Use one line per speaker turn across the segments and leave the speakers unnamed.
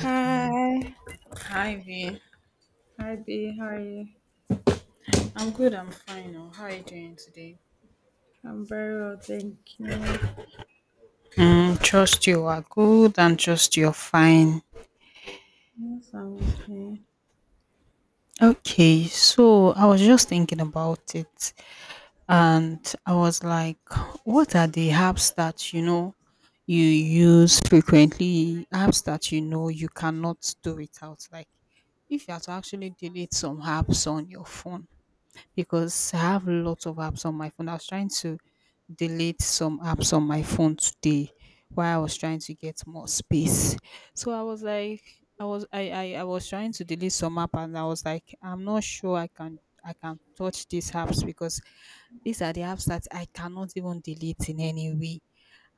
Hi.
Hi V.
Hi, B. How are you?
I'm good, I'm fine. Oh, how are you doing today?
I'm very well, thank you.
Trust you are good and trust you're fine.
Yes, I'm okay.
Okay, so I was just thinking about it and I was like, what are the apps that you know you use frequently? Apps that you know you cannot do without. Like if you are to actually delete some apps on your phone, because I have lots of apps on my phone. I was trying to delete some apps on my phone today while I was trying to get more space. So I was like I was trying to delete some app. And I was like, I'm not sure I can touch these apps, because these are the apps that I cannot even delete in any way.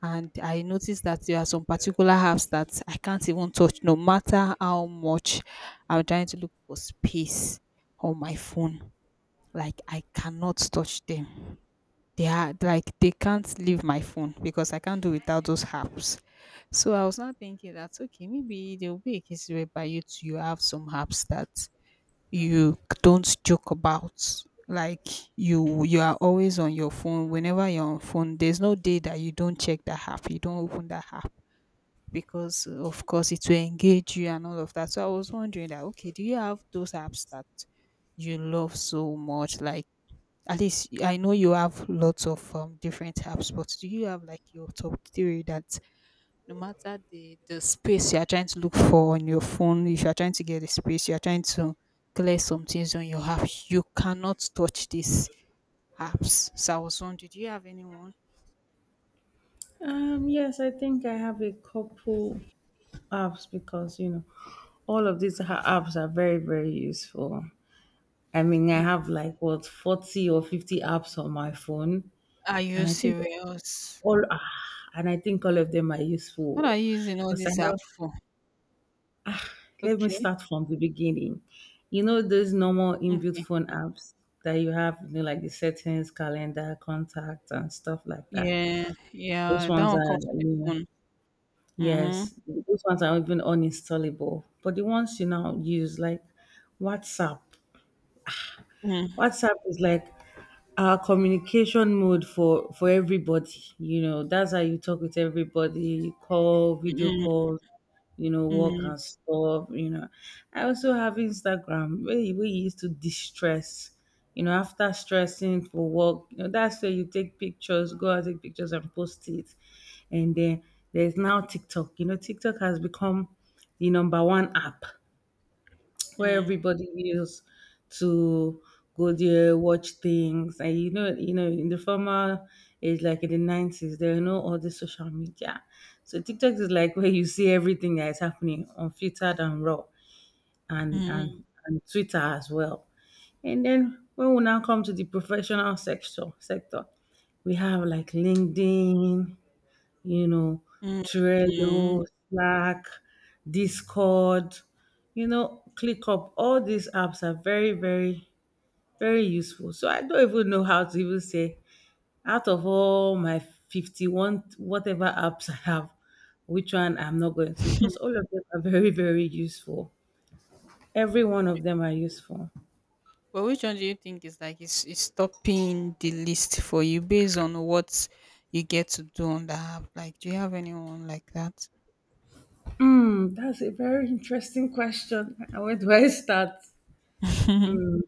And I noticed that there are some particular apps that I can't even touch no matter how much I'm trying to look for space on my phone. Like I cannot touch them. They are like they can't leave my phone because I can't do without those apps. So I was not thinking that, okay, maybe there will be a case whereby you have some apps that you don't joke about. Like you are always on your phone. Whenever you're on phone, there's no day that you don't check the app, you don't open the app, because of course it will engage you and all of that. So I was wondering that, okay, do you have those apps that you love so much? Like at least I know you have lots of different apps, but do you have like your top three that no matter the space you are trying to look for on your phone, if you are trying to get the space, you are trying to clear some things on your app, you cannot touch these apps. So I was wondering, do you have anyone?
Yes, I think I have a couple apps because, you know, all of these apps are very, very useful. I mean, I have like what 40 or 50 apps on my phone,
Are
and
you
I think
serious?
all ah, all of them are
What are
useful
you using all
because I
this app
have.
for?
Let me
Okay.
start from the beginning. You know those normal inbuilt
Okay.
phone apps that you have, you know, like the settings, calendar, contact, and stuff like that.
Yeah.
Those
Yeah. That
ones
one
are,
comes with the
yeah,
phone. Mm-hmm.
yes, those ones are even uninstallable. But the ones you now use, like WhatsApp. WhatsApp is like our communication mode for everybody. You know, that's how you talk with everybody. You call, video
Mm-hmm.
calls, you know, work
Mm-hmm.
and stuff. You know, I also have Instagram where where you used to distress. You know, after stressing for work, you know, that's where you take pictures, go out take pictures and post it. And then there's now TikTok. You know, TikTok has become the number one app where everybody used to go there, watch things, and in the former age, like in the 90s, there are no all the social media. So TikTok is like where you see everything that is happening unfiltered and raw, and
Mm-hmm.
Twitter as well. And then when we now come to the professional sector, we have like LinkedIn, you know,
Mhm.
Trello, Slack, Discord, you know, ClickUp. All these apps are very, very, very useful. So I don't even know how to even say out of all my 51 whatever apps I have, which one I'm not going to because all of them are very, very useful. Every one of them are useful.
But which one do you think is like is topping the list for you based on what you get to do on the app? Like, do you have anyone like that?
Mm, that's a very interesting question. Where do I start?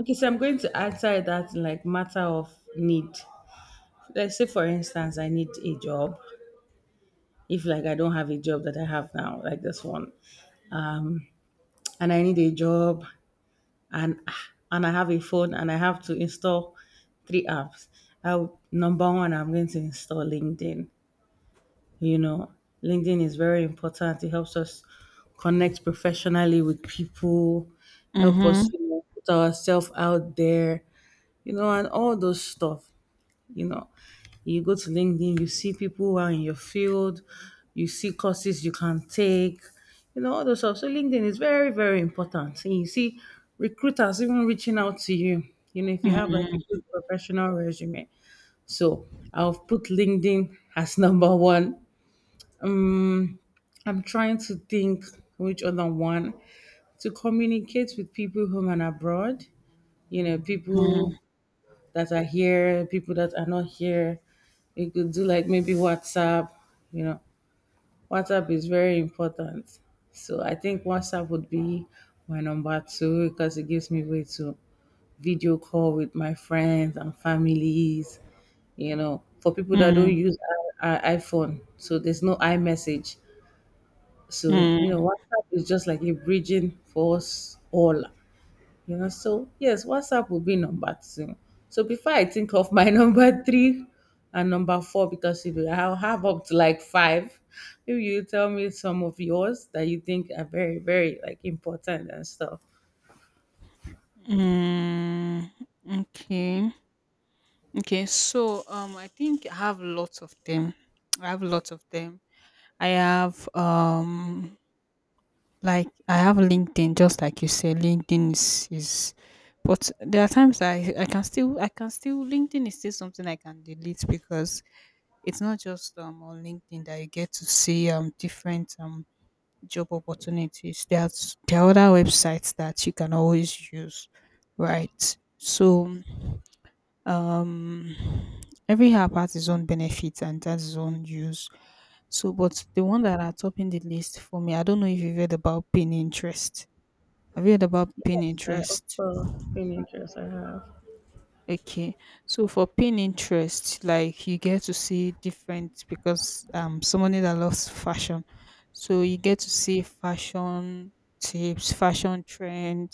Okay, so I'm going to answer that in like matter of need. Let's say, for instance, I need a job. If like I don't have a job that I have now, like this one, and I need a job, and and I have a phone, and I have to install three apps. Number one, I'm going to install LinkedIn. You know, LinkedIn is very important. It helps us connect professionally with people, help us
Mhm.
you know, put ourselves out there, you know, and all those stuff. You know, you go to LinkedIn, you see people who are in your field, you see courses you can take, you know, all those stuff. So LinkedIn is very, very important, and you see recruiters even reaching out to you, you know, if you have like a
Mhm.
good professional resume. So I'll put LinkedIn as number one. um I'm trying to think which other one. To communicate with people home and abroad, you know, people
Mhm.
that are here, people that are not here, you could do like maybe WhatsApp. You know, WhatsApp is very important. So I think WhatsApp would be my number two because it gives me way to video call with my friends and families, you know, for people that don't
Mhm.
use iPhone. So there's no iMessage. So,
Mhm.
you know, WhatsApp is just like a bridging for us all, you know. So yes, WhatsApp will be number two. So before I think of my number three and number four, because you know, I'll have up to like five. Maybe you tell me some of yours that you think are very, very like important and stuff.
Mhm. Mhm. Okay. Okay. So, I think I have lots of them. I have lots of them. I have Like I have LinkedIn, just like you said. LinkedIn is, but there are times that I can still, LinkedIn is still something I can delete, because it's not just on LinkedIn that you get to see different job opportunities. There are other websites that you can always use, right? So um every app has its own benefits and has its own use. So but the one that are topping the list for me, I don't know if you've heard about Pin interest. Have you heard about Pin
Of
interest?
course, pin I have.
Okay, so for Pin interest, like you get to see different, because somebody that loves fashion. So you get to see fashion tips, fashion trend,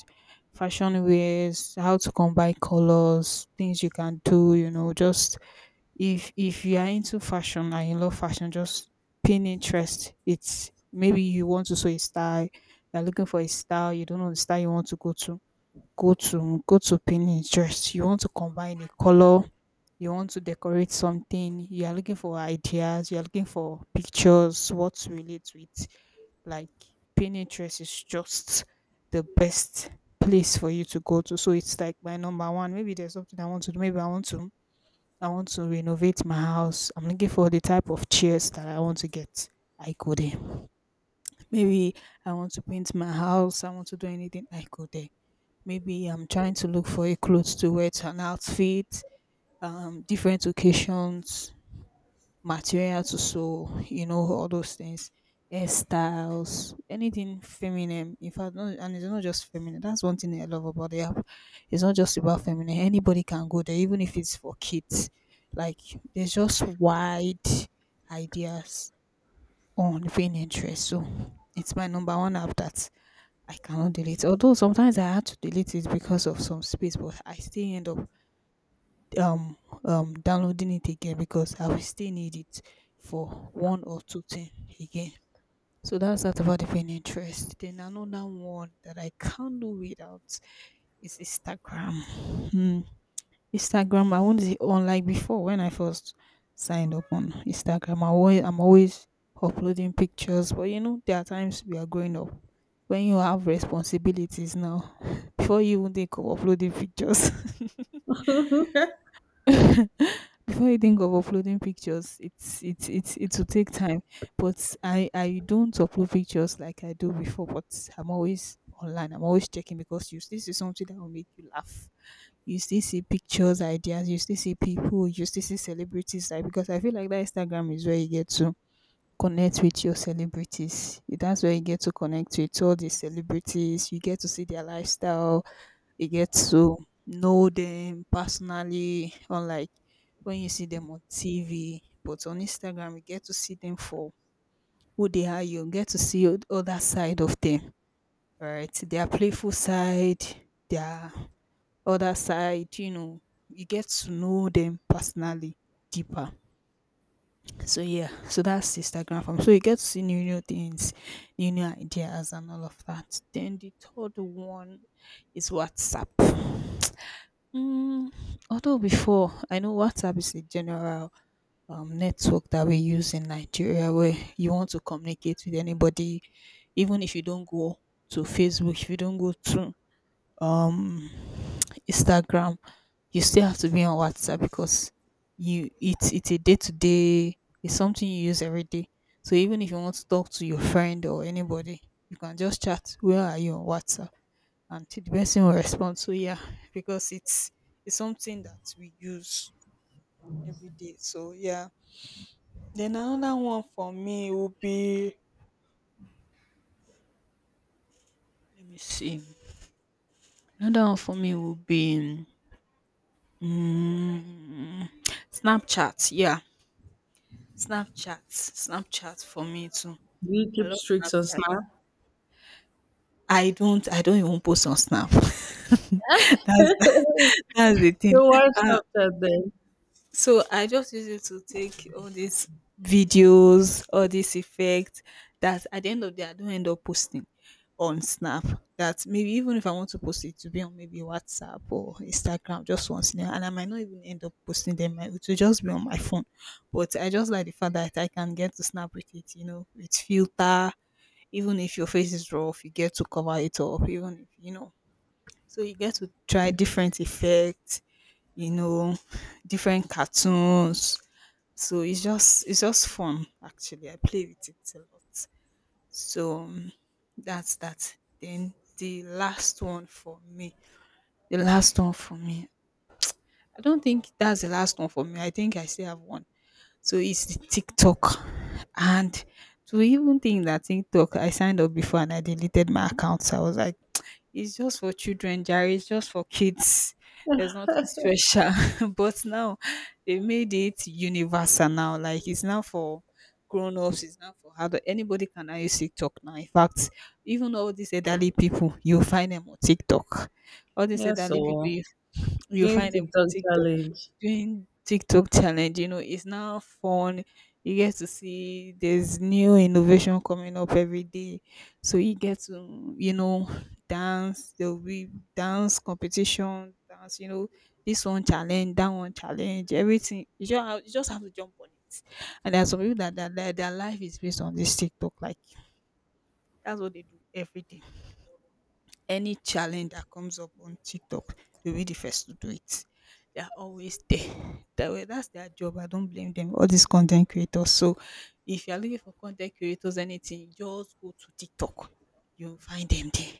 fashion ways, how to combine colors, things you can do, just if you are into fashion and you love fashion, just Pin interest. It's maybe you want to sew a style, you're looking for a style, you don't know the style you want to go to. Go to Pinterest. You want to combine a color, you want to decorate something, you are looking for ideas, you are looking for pictures, what to relate with. Like Pinterest is just the best place for you to go to. So it's like my number one. Maybe there's something I want to do. Maybe I want to renovate my house. I'm looking for the type of chairs that I want to get. I go there. Maybe I want to paint my house. I want to do anything. I go there. Maybe I'm trying to look for a clothes to wear to an outfit. Different occasions, material to sew, all those things, hairstyles, anything feminine. In fact, no, and it's not just feminine. That's one thing I love about the app. It's not just about feminine. Anybody can go there, even if it's for kids. Like there's just wide ideas on Pinterest. So it's my number one app that I cannot delete. Although sometimes I had to delete it because of some space, but I still end up um downloading it again because I will still need it for one or two things again. So that's that about the paying interest. Then another one that I can't do without is Instagram. Hmm. Instagram, I won't say on like before when I first signed up on Instagram. I'm always uploading pictures, but there are times we are growing up, when you have responsibilities now before you even think of uploading pictures. Before you think of uploading pictures, it will take time. But I don't upload pictures like I do before, but I'm always online, I'm always checking, because you still see something that will make you laugh. You still see pictures, ideas. You still see people. You still see celebrities. Like, because I feel like that Instagram is where you get to connect with your celebrities. That's where you get to connect with all the celebrities. You get to see their lifestyle. You get to know them personally unlike when you see them on TV. But on Instagram, you get to see them for who they are. You get to see other side of them, right? Their playful side, their other side. You get to know them personally deeper. So yeah, so that's Instagram form. So you get to see new things, new ideas, and all of that. Then the third one is WhatsApp. Mm, Although before, I know WhatsApp is a general network that we use in Nigeria, where you want to communicate with anybody, even if you don't go to Facebook, if you don't go to um, Instagram, you still have to be on WhatsApp because you it's a day to day, it's something you use every day. So even if you want to talk to your friend or anybody, you can just chat. Where are you on WhatsApp? Until the person will respond. So yeah, because it's something that we use every day. So yeah. Then another one for me would be, let me see. Another one for me would be mm, Snapchat. Yeah. Snapchat. Snapchat for me too.
Do you
I
keep
love
streaks on
Snapchat.
Snap?
I don't even post on Snap. that's
Your
that's the thing.
wife Snapchat then.
So I just use it to take all these videos, all these effects, that at the end of the day I don't end up posting on Snap. That maybe even if I want to post it to be on maybe WhatsApp or Instagram just once now, and I might not even end up posting them. It will just be on my phone. But I just like the fact that I can get to Snap with it, with filter. Even if your face is rough, you get to cover it up. Even if you know, so you get to try different effects, you know, different cartoons. So it's just fun, actually. I play with it a lot. So that's that. Then the last one for me. The last one for me. I don't think that's the last one for me. I think I still have one. So it's the TikTok. And to even think that TikTok, I signed up before and I deleted my account. So I was like, it's just for children, Jerry. It's just for kids. There's nothing special. But now they made it universal now. Like it's now for grown ups, it's now for adult. Anybody can now use TikTok now. In fact, even all these elderly people, you find them on TikTok. All these
Yes,
elderly people,
so
you
doing
find them on
TikTok
TikTok,
challenge.
doing TikTok challenge, it's now fun. You get to see there's new innovation coming up every day. So you get to, dance. There'll be dance competition, dance, this one challenge, that one challenge, everything. You just have to jump on it. And there are some people that their life is based on this TikTok. Like that's what they do every day. Any challenge that comes up on TikTok, they'll be the first to do it. They are always there. That way, that's their job. I don't blame them. All these content creators. So, if you are looking for content creators, anything, just go to TikTok. You'll find them there.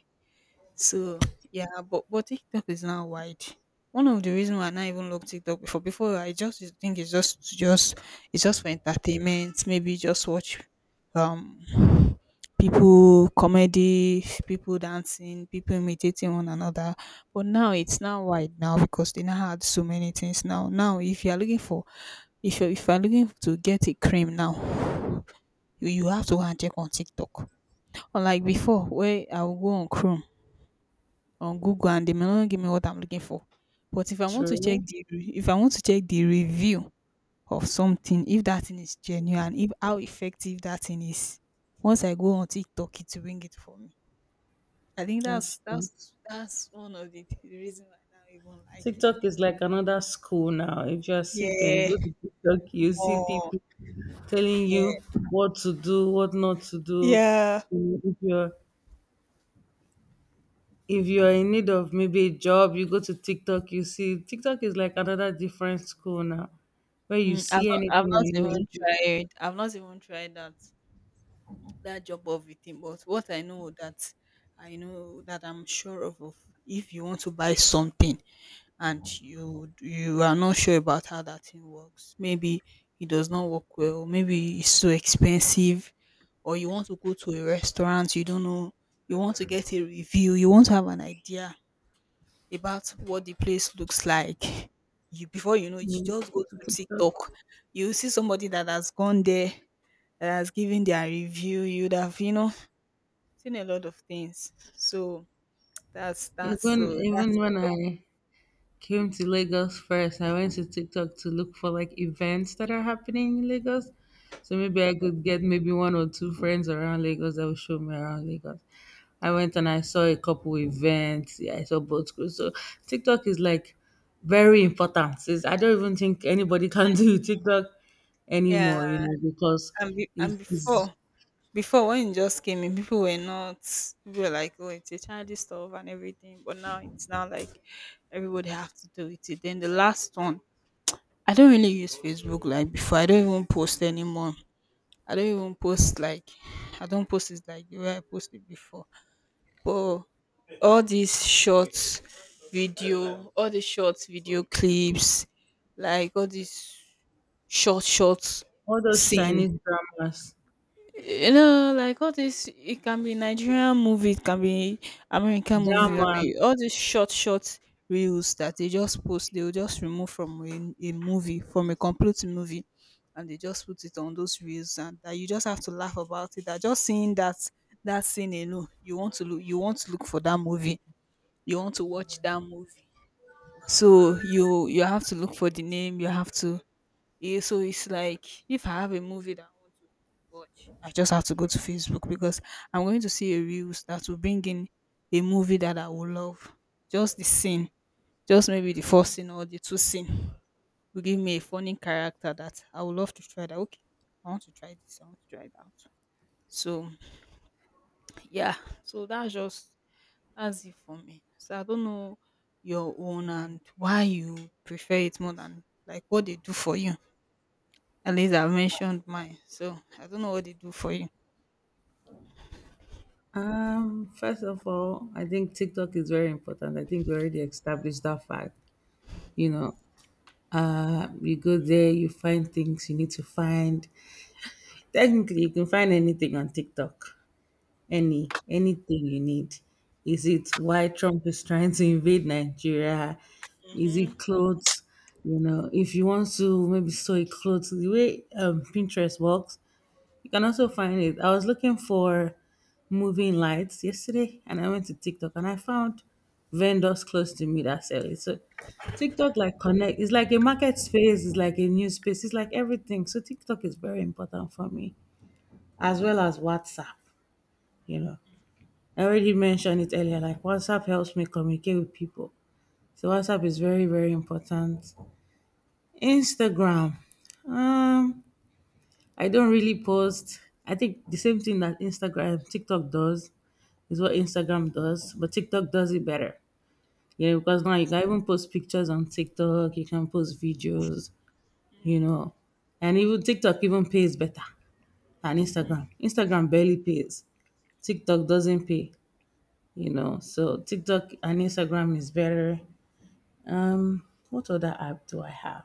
So yeah, but TikTok is now wide. One of the reasons why I not even love TikTok before I just used to think it's just to just it's just for entertainment. Maybe just watch um people comedy, people dancing, people imitating one another. But now it's now wide now because they now had so many things now. Now if you are looking for if you're looking to get a cream now, you have to go and check on TikTok. Unlike before, where I will go on Chrome on Google and they may not give me what I'm looking for. But if I want to check
True.
the if I want to check the review of something, if that thing is genuine, if how effective that thing is, once I go on TikTok, it will bring it for me. I think
That's
that's
true.
that's that's one of the reason why I now even like it.
TikTok is like another school now. If you are sick and you
Yeah,
go to TikTok, you see
more.
people telling
Yeah,
you what to do, what not to do.
yeah.
Mm, if you are in need of maybe a job, you go to TikTok, you see TikTok is like another different school now where you
Mm,
see
I've
anything
not
and
even
everything.
tried. I've not even tried that. That job of it, thing. But what I know that I'm sure of, if you want to buy something and you are not sure about how that thing works, maybe it does not work well, maybe it's so expensive, or you want to go to a restaurant, you don't know, you want to get a review, you want to have an idea about what the place looks like. You before you know it, you
You
just go
go to
to
TikTok.
TikTok. You see somebody that has gone there that has given their review. You'd have, you know, seen a lot of things. So that's that's
Even
so that's
even when I came to Lagos first, I went to TikTok to look for like events that are happening in Lagos. So maybe I could get maybe one or two friends around Lagos that will show me around Lagos. I went and I saw a couple events. Yeah, I saw boat schools. So TikTok is like very important. It's, I don't even think anybody can do TikTok
yeah.
anymore, you know, because
And be, and
it's
before before when it just came in, people were not, people were like, oh, it's a childish stuff and everything. But now it's now like everybody have to do it. Then the last one, I don't really use Facebook like before. I don't even post anymore. I don't even post like, I don't post it like the way I posted before. But all these short video, all the short video clips, like all these short, short
all those
scene.
Chinese dramas.
You know, like all this, it can be Nigerian movie, it can be American movie. I
Drama.
mean, all these short, short reels that they just post, they will just remove from a movie, from a complete movie, and they just put it on those reels, and that you just have to laugh about it. That just seeing that that scene alone, you want to look, you want to look for that movie, you want to watch that movie. So you have to look for the name, you have to, yeah, so it's like if I have a movie that I want to watch, I just have to go to Facebook because I'm going to see a reels that will bring in a movie that I will love. Just the scene, just maybe the first scene or the two scene will give me a funny character that I would love to try that. Okay, I want to try this, I want to try it out. So yeah, so that's it for me. So I don't know your own and why you prefer it more than like what they do for you. At least I've mentioned mine. So I don't know what they do for you.
First of all, I think TikTok is very important. I think we already established that fact. You know, you go there, you find things you need to find. Technically, you can find anything on TikTok, anything you need. Is it why Trump is trying to invade Nigeria? Is
Mm-hmm.
it clothes? You know, if you want to maybe sew a clothes, the way Pinterest works, you can also find it. I was looking for moving lights yesterday and I went to TikTok and I found vendors close to me that sell it. So TikTok like connect, it's like a market space, it's like a new space, it's like everything. So TikTok is very important for me. As well as WhatsApp, you know. I already mentioned it earlier, like WhatsApp helps me communicate with people. So WhatsApp is very, very important. Instagram. Um, I don't really post. I think the same thing that Instagram, TikTok does, is what Instagram does, but TikTok does it better. Yeah, because now you can even post pictures on TikTok, you can post videos, you know. And even TikTok even pays better than Instagram. Instagram barely pays. TikTok doesn't pay, you know. So TikTok and Instagram is better. What other app do I have?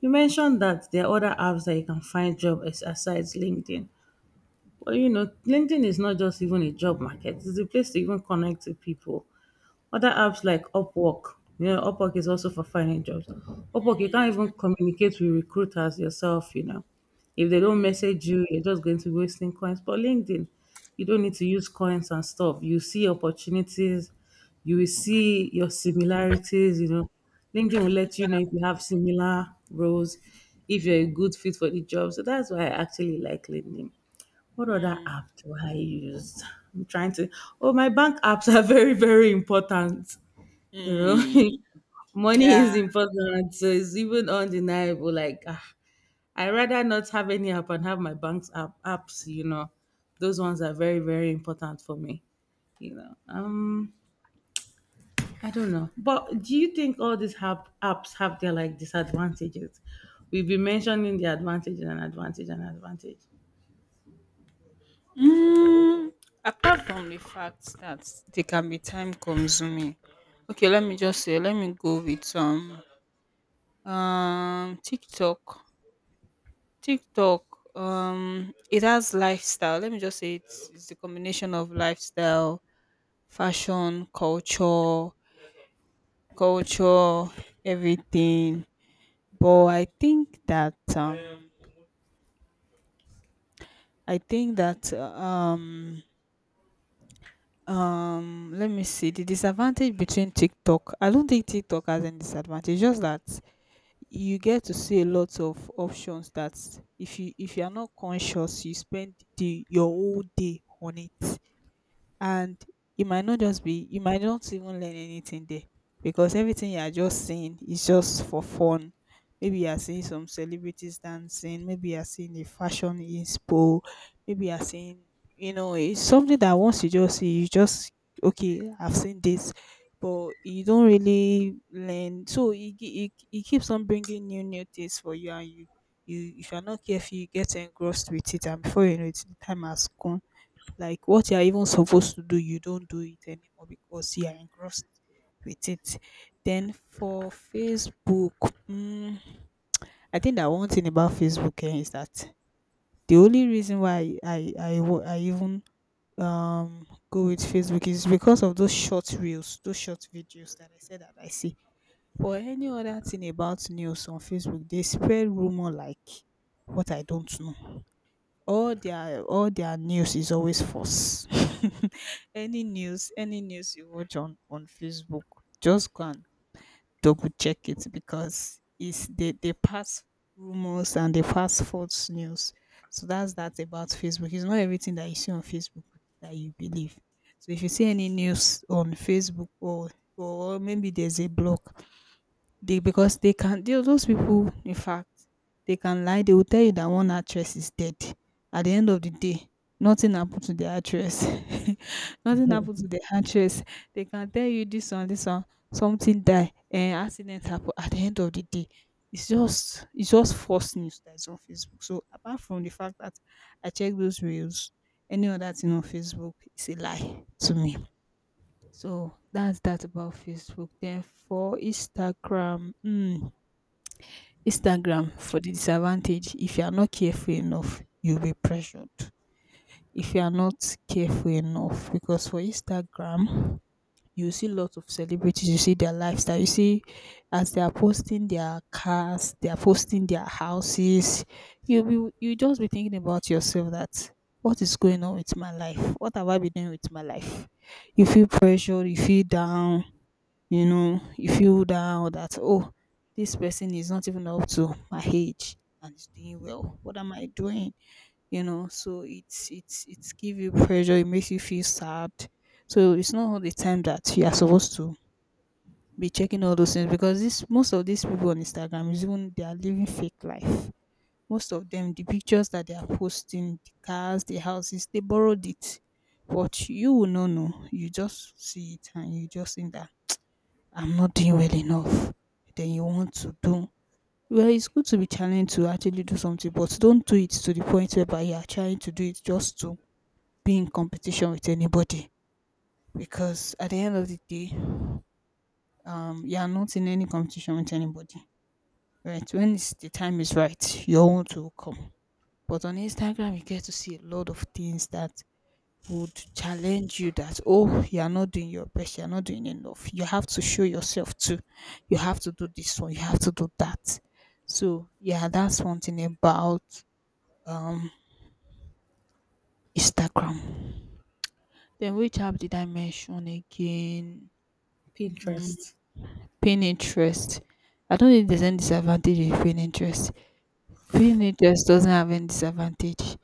You mentioned that there are other apps that you can find job as besides LinkedIn. But you know, LinkedIn is not just even a job market, it's a place to even connect to people. Other apps like Upwork, you know, Upwork is also for finding jobs. Upwork, you can't even communicate with recruiters yourself, you know. If they don't message you, you're just going to be wasting coins. But LinkedIn, you don't need to use coins and stuff. You see opportunities, you will see your similarities, you know. LinkedIn will let you know if you have similar roles, if you're a good fit for the job. So that's why I actually like LinkedIn. What other
Mm,
app do I use? I'm trying to. Oh, my bank apps are very, very important. You
mm,
know, money
yeah.
is important, so it's even undeniable. Like, ah, I rather not have any app and have my bank's app apps. You know, those ones are very, very important for me. You know, I don't know. But do you think all these apps have their like disadvantages? We've been mentioning the advantage and advantage and advantage.
Mm, apart from the fact that they can be time consuming. Okay, let me just say, let me go with some TikTok. TikTok it has lifestyle. Let me just say it's the combination of lifestyle, fashion, culture, culture, everything. But I think that let me see the disadvantage between TikTok. I don't think TikTok has any disadvantage. Just that you get to see a lot of options that if you, if you are not conscious, you spend the your whole day on it and you might not just be, you might not even learn anything there because everything you are just seeing is just for fun. Maybe you are seeing some celebrities dancing, maybe you are seeing a fashion inspo, maybe you are seeing, you know, it's something that once you just see you just, okay, I've seen this, but you don't really learn. So it keeps on bringing new things for you and you, you if you're not careful you get engrossed with it, and before you know it the time has gone. Like what you're even supposed to do you don't do it anymore because you are engrossed with it. Then for Facebook, mm, I think that one thing about Facebook, eh, is that the only reason why I even go with Facebook is because of those short reels, those short videos that I said that I see. Or any other thing about news on Facebook, they spread rumor, like what, I don't know, all their, all their news is always false. Any news, any news you watch on Facebook, just go and double check it, because it's, they pass rumors and they pass false news. So that's that about Facebook. It's not everything that you see on Facebook that you believe. So if you see any news on Facebook, or maybe there's a blog, they, because they can those people, in fact, they can lie. They will tell you that one actress is dead. At the end of the day, nothing happened to the actress. Nothing happened to the actress. They can tell you this one, something die, and accident happen. At the end of the day, it's just, it's just false news that's on Facebook. So apart from the fact that I check those reels, any other thing on Facebook is a lie to me. So that's that about Facebook. Then for Instagram, mm, Instagram for the disadvantage, if you are not careful enough, you'll be pressured. If you are not careful enough, because for Instagram, you see lots of celebrities, you see their lifestyle, you see as they are posting their cars, they are posting their houses. You'll be, you just be thinking about yourself that what is going on with my life? What have I been doing with my life? You feel pressured, you feel down, you know you feel down that, oh, this person is not even up to my age and is doing well, what am I doing. You know, so it's give you pressure, it makes you feel sad. So it's not all the time that you are supposed to be checking all those things, because this, most of these people on Instagram, is even they are living fake life. Most of them, the pictures that they are posting, the cars, the houses, they borrowed it. But you will not know, you just see it and you just think that I'm not doing well enough. Then you want to do well, it's good to be challenged to actually do something, but don't do it to the point whereby you are trying to do it just to be in competition with anybody. Because at the end of the day, you are not in any competition with anybody. Right? When it's, the time is right, your own to come. But on Instagram, you get to see a lot of things that would challenge you that, oh, you are not doing your best, you are not doing enough, you have to show yourself too, you have to do this one, you have to do that. So yeah, that's one thing about um Instagram. Then which app did I mention again? Mm,
Pinterest.
Pinterest. I don't think there's any disadvantage in Pinterest. Pinterest doesn't have any disadvantage.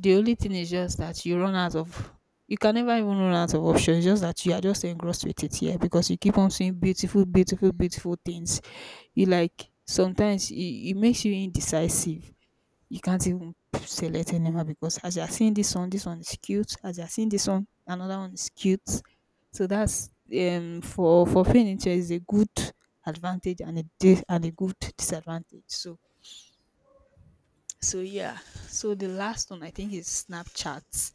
The only thing is just that you run out of, you can never even run out of options. Just that you are just engrossed with it, here, because you keep on seeing beautiful, beautiful, beautiful things. You, like, sometimes it makes you indecisive. You can't even select anymore because as you are seeing this one is cute. As you are seeing this one, another one is cute. So that's for furniture is a good advantage and a and a good disadvantage. So so yeah. So the last one I think is Snapchat.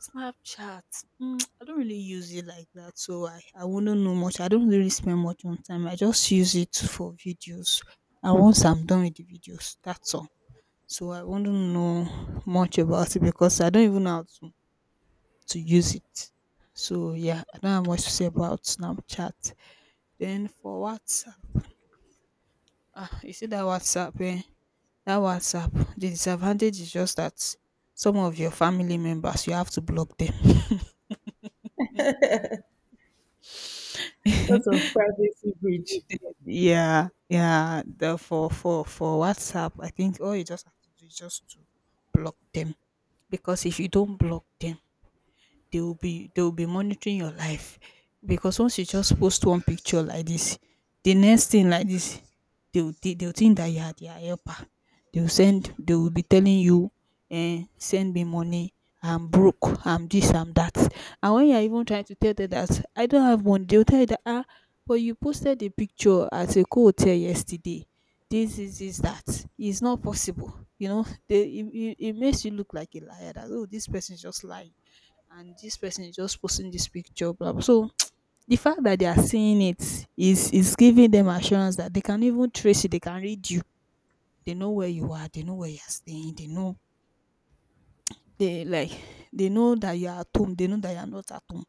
Snapchat, mm, I don't really use it like that, so I wouldn't know much. I don't really spend much on time. I just use it for videos. And once I'm done with the videos, that's all. So I wouldn't know much about it because I don't even know how to use it. So yeah, I don't have much to say about Snapchat. Then for WhatsApp, ah, you see that WhatsApp, eh? That WhatsApp, the disadvantage is just that some of your family members you have to block them.
That's a privacy breach.
Yeah, yeah. The for WhatsApp, I think all you just have to do is just to block them, because if you don't block them, they will be monitoring your life. Because once you just post one picture like this, the next thing like this, they will think that you are their helper. They will be telling you, eh, send me money, I'm broke, I'm this, I'm that. And when you're even trying to tell them that I don't have money, they'll tell you that, ah, but you posted a picture at a co-hotel yesterday, this is this, that, it's not possible. You know, it makes you look like a liar, that, oh, this person is just lying, and this person is just posting this picture, blah, blah. So the fact that they are seeing it is giving them assurance that they can even trace you, they can read you. They know where you are, they know where you are staying, they know, they like, they know that you are at home, they know that you are not at home.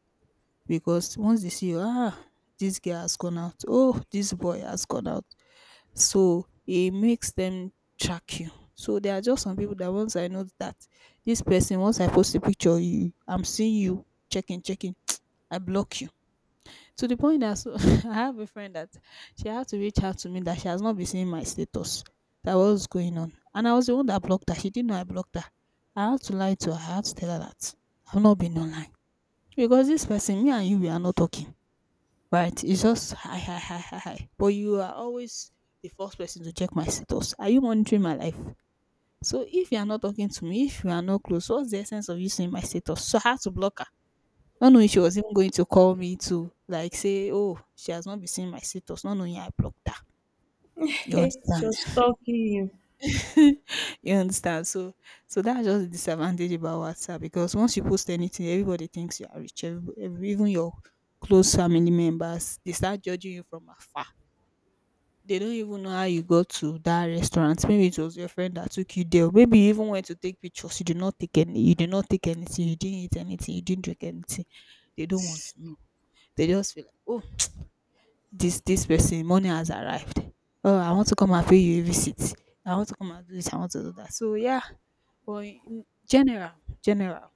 Because once they see you, ah, this girl has gone out, oh, this boy has gone out. So it makes them track you. So there are just some people that, once I know that this person, once I post a picture, you, I'm seeing you checking, checking, I block you. To the point that, so, I have a friend that she had to reach out to me that she has not been seeing my status, that what was going on. And I was the one that blocked her. She didn't know I blocked her. I had to lie to her. I had to tell her that I've not been online. Because this person, me and you, we are not talking, right? It's just hi, hi, hi, hi, hi. But you are always the first person to check my status. Are you monitoring my life? So if you are not talking to me, if you are not close, what's the essence of you seeing my status? So I had to block her. Not knowing she was even going to call me to like say, oh, she has not been seeing my status. Not knowing I blocked her. You
She
understand?
was stalking you.
You understand? So that's just the disadvantage about WhatsApp, because once you post anything, everybody thinks you are rich. Even your close family members, they start judging you from afar. They don't even know how you got to that restaurant. Maybe it was your friend that took you there. Maybe you even went to take pictures. You did not take any. You did not take anything. You didn't eat anything. You didn't drink anything. They don't want to know. They just feel like, oh, this person money has arrived. Oh, I want to come and pay you a visit. I want to come and do this. I want to do that. So yeah, but in general,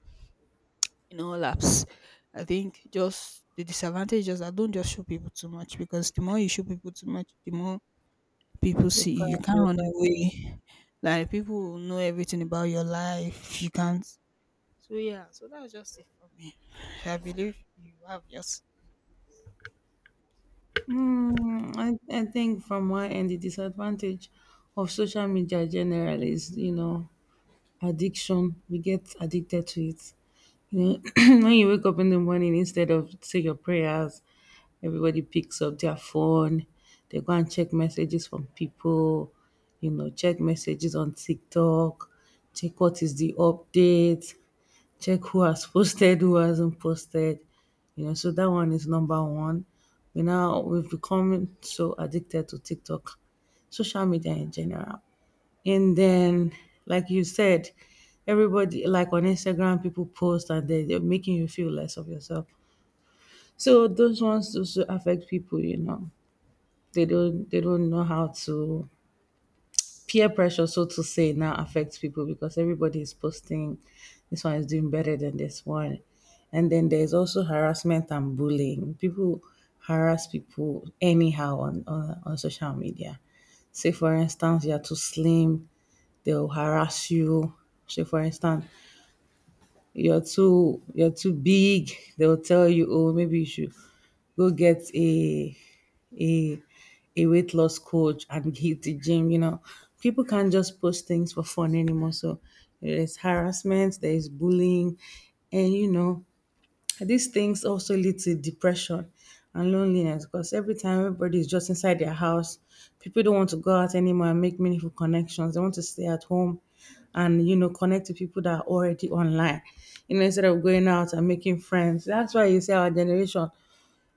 in all apps, I think just the disadvantage is that don't just show people too much, because the more you show people too much, the more people
The
see you. You
pride,
can't
the
run
pride.
away. Like, people will know everything about your life. You can't. So yeah, so that's just it for me. I believe you have yours.
Mm, I think from my end, the disadvantage of social media generally is, you know, addiction. We get addicted to it. You know, when you wake up in the morning, instead of say your prayers, everybody picks up their phone. They go and check messages from people, you know, check messages on TikTok, check what is the update, check who has posted, who hasn't posted. You know, so that one is number one. We've become so addicted to TikTok, social media in general. And then, like you said, everybody like on Instagram, people post and they're making you feel less of yourself. So those ones also affect people, you know. They don't know how to peer pressure, so to say, now affects people because everybody is posting this one is doing better than this one. And then there's also harassment and bullying. People harass people anyhow on social media. Say, for instance, you're too slim, they'll harass you. Say, for instance, you're too big, they'll tell you oh maybe you should go get a a weight loss coach and hit the gym, you know. People can't just post things for fun anymore, so there's harassment, there's bullying, and you know these things also lead to depression and loneliness because every time everybody is just inside their house, people don't want to go out anymore and make meaningful connections. They want to stay at home and you know connect to people that are already online. You know, instead of going out and making friends. That's why you see our generation,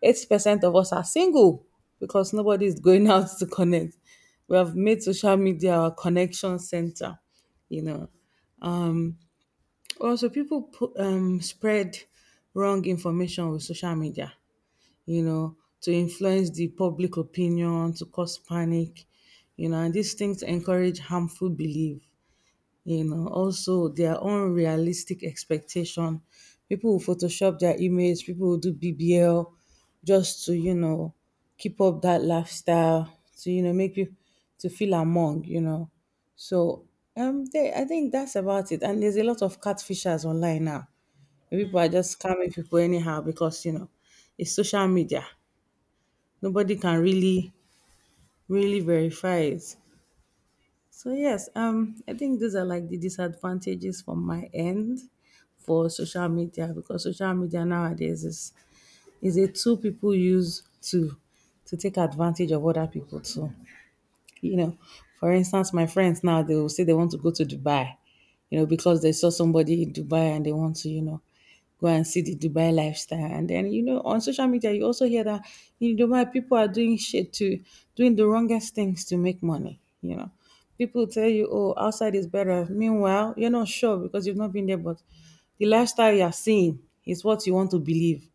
80% of us are single because nobody is going out to connect. We have made social media our connection center, you know. Also, people put, spread wrong information with social media, you know, to influence the public opinion, to cause panic, you know, and these things encourage harmful belief, you know, also their own realistic expectation. People will Photoshop their image, people will do BBL just to, you know, keep up that lifestyle, to, you know, make you to feel among, you know. So I think that's about it. And there's a lot of catfishers online now. People are
Mm.
just scamming people anyhow because you know it's social media, nobody can really verify it. So yes, I think these are like the disadvantages from my end for social media, because social media nowadays is a tool people use to take advantage of other people too, you know. For instance, my friends now they will say they want to go to Dubai, you know, because they saw somebody in Dubai and they want to, you know, go and see the Dubai lifestyle. And then, you know, on social media you also hear that in Dubai people are doing shit to doing the wrongest things to make money, you know. People tell you oh outside is better, meanwhile you're not sure because you've not been there, but the lifestyle you're seeing is what you want to believe,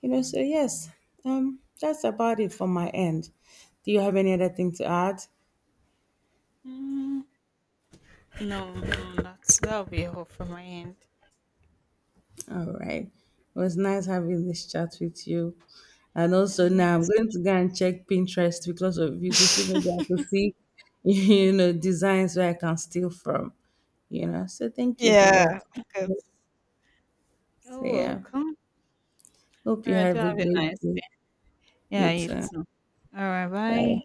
you know. So yes, that's about it from my end. Do you have any other thing to add?
Mm. No, that's that'll be all from my end.
All right. It was nice having this chat with you. And also
And
now I'm going to go and check Pinterest because of you to see maybe I
yet,
can see, you know, designs where I can steal from. You know, so thank you for
yeah,
that.
because
So
oh,
yeah.
welcome.
Hope
All
you
right, do
have a
have a
good
nice day.
day.
Yeah,
You
you
too.
too. All right, bye.
Bye.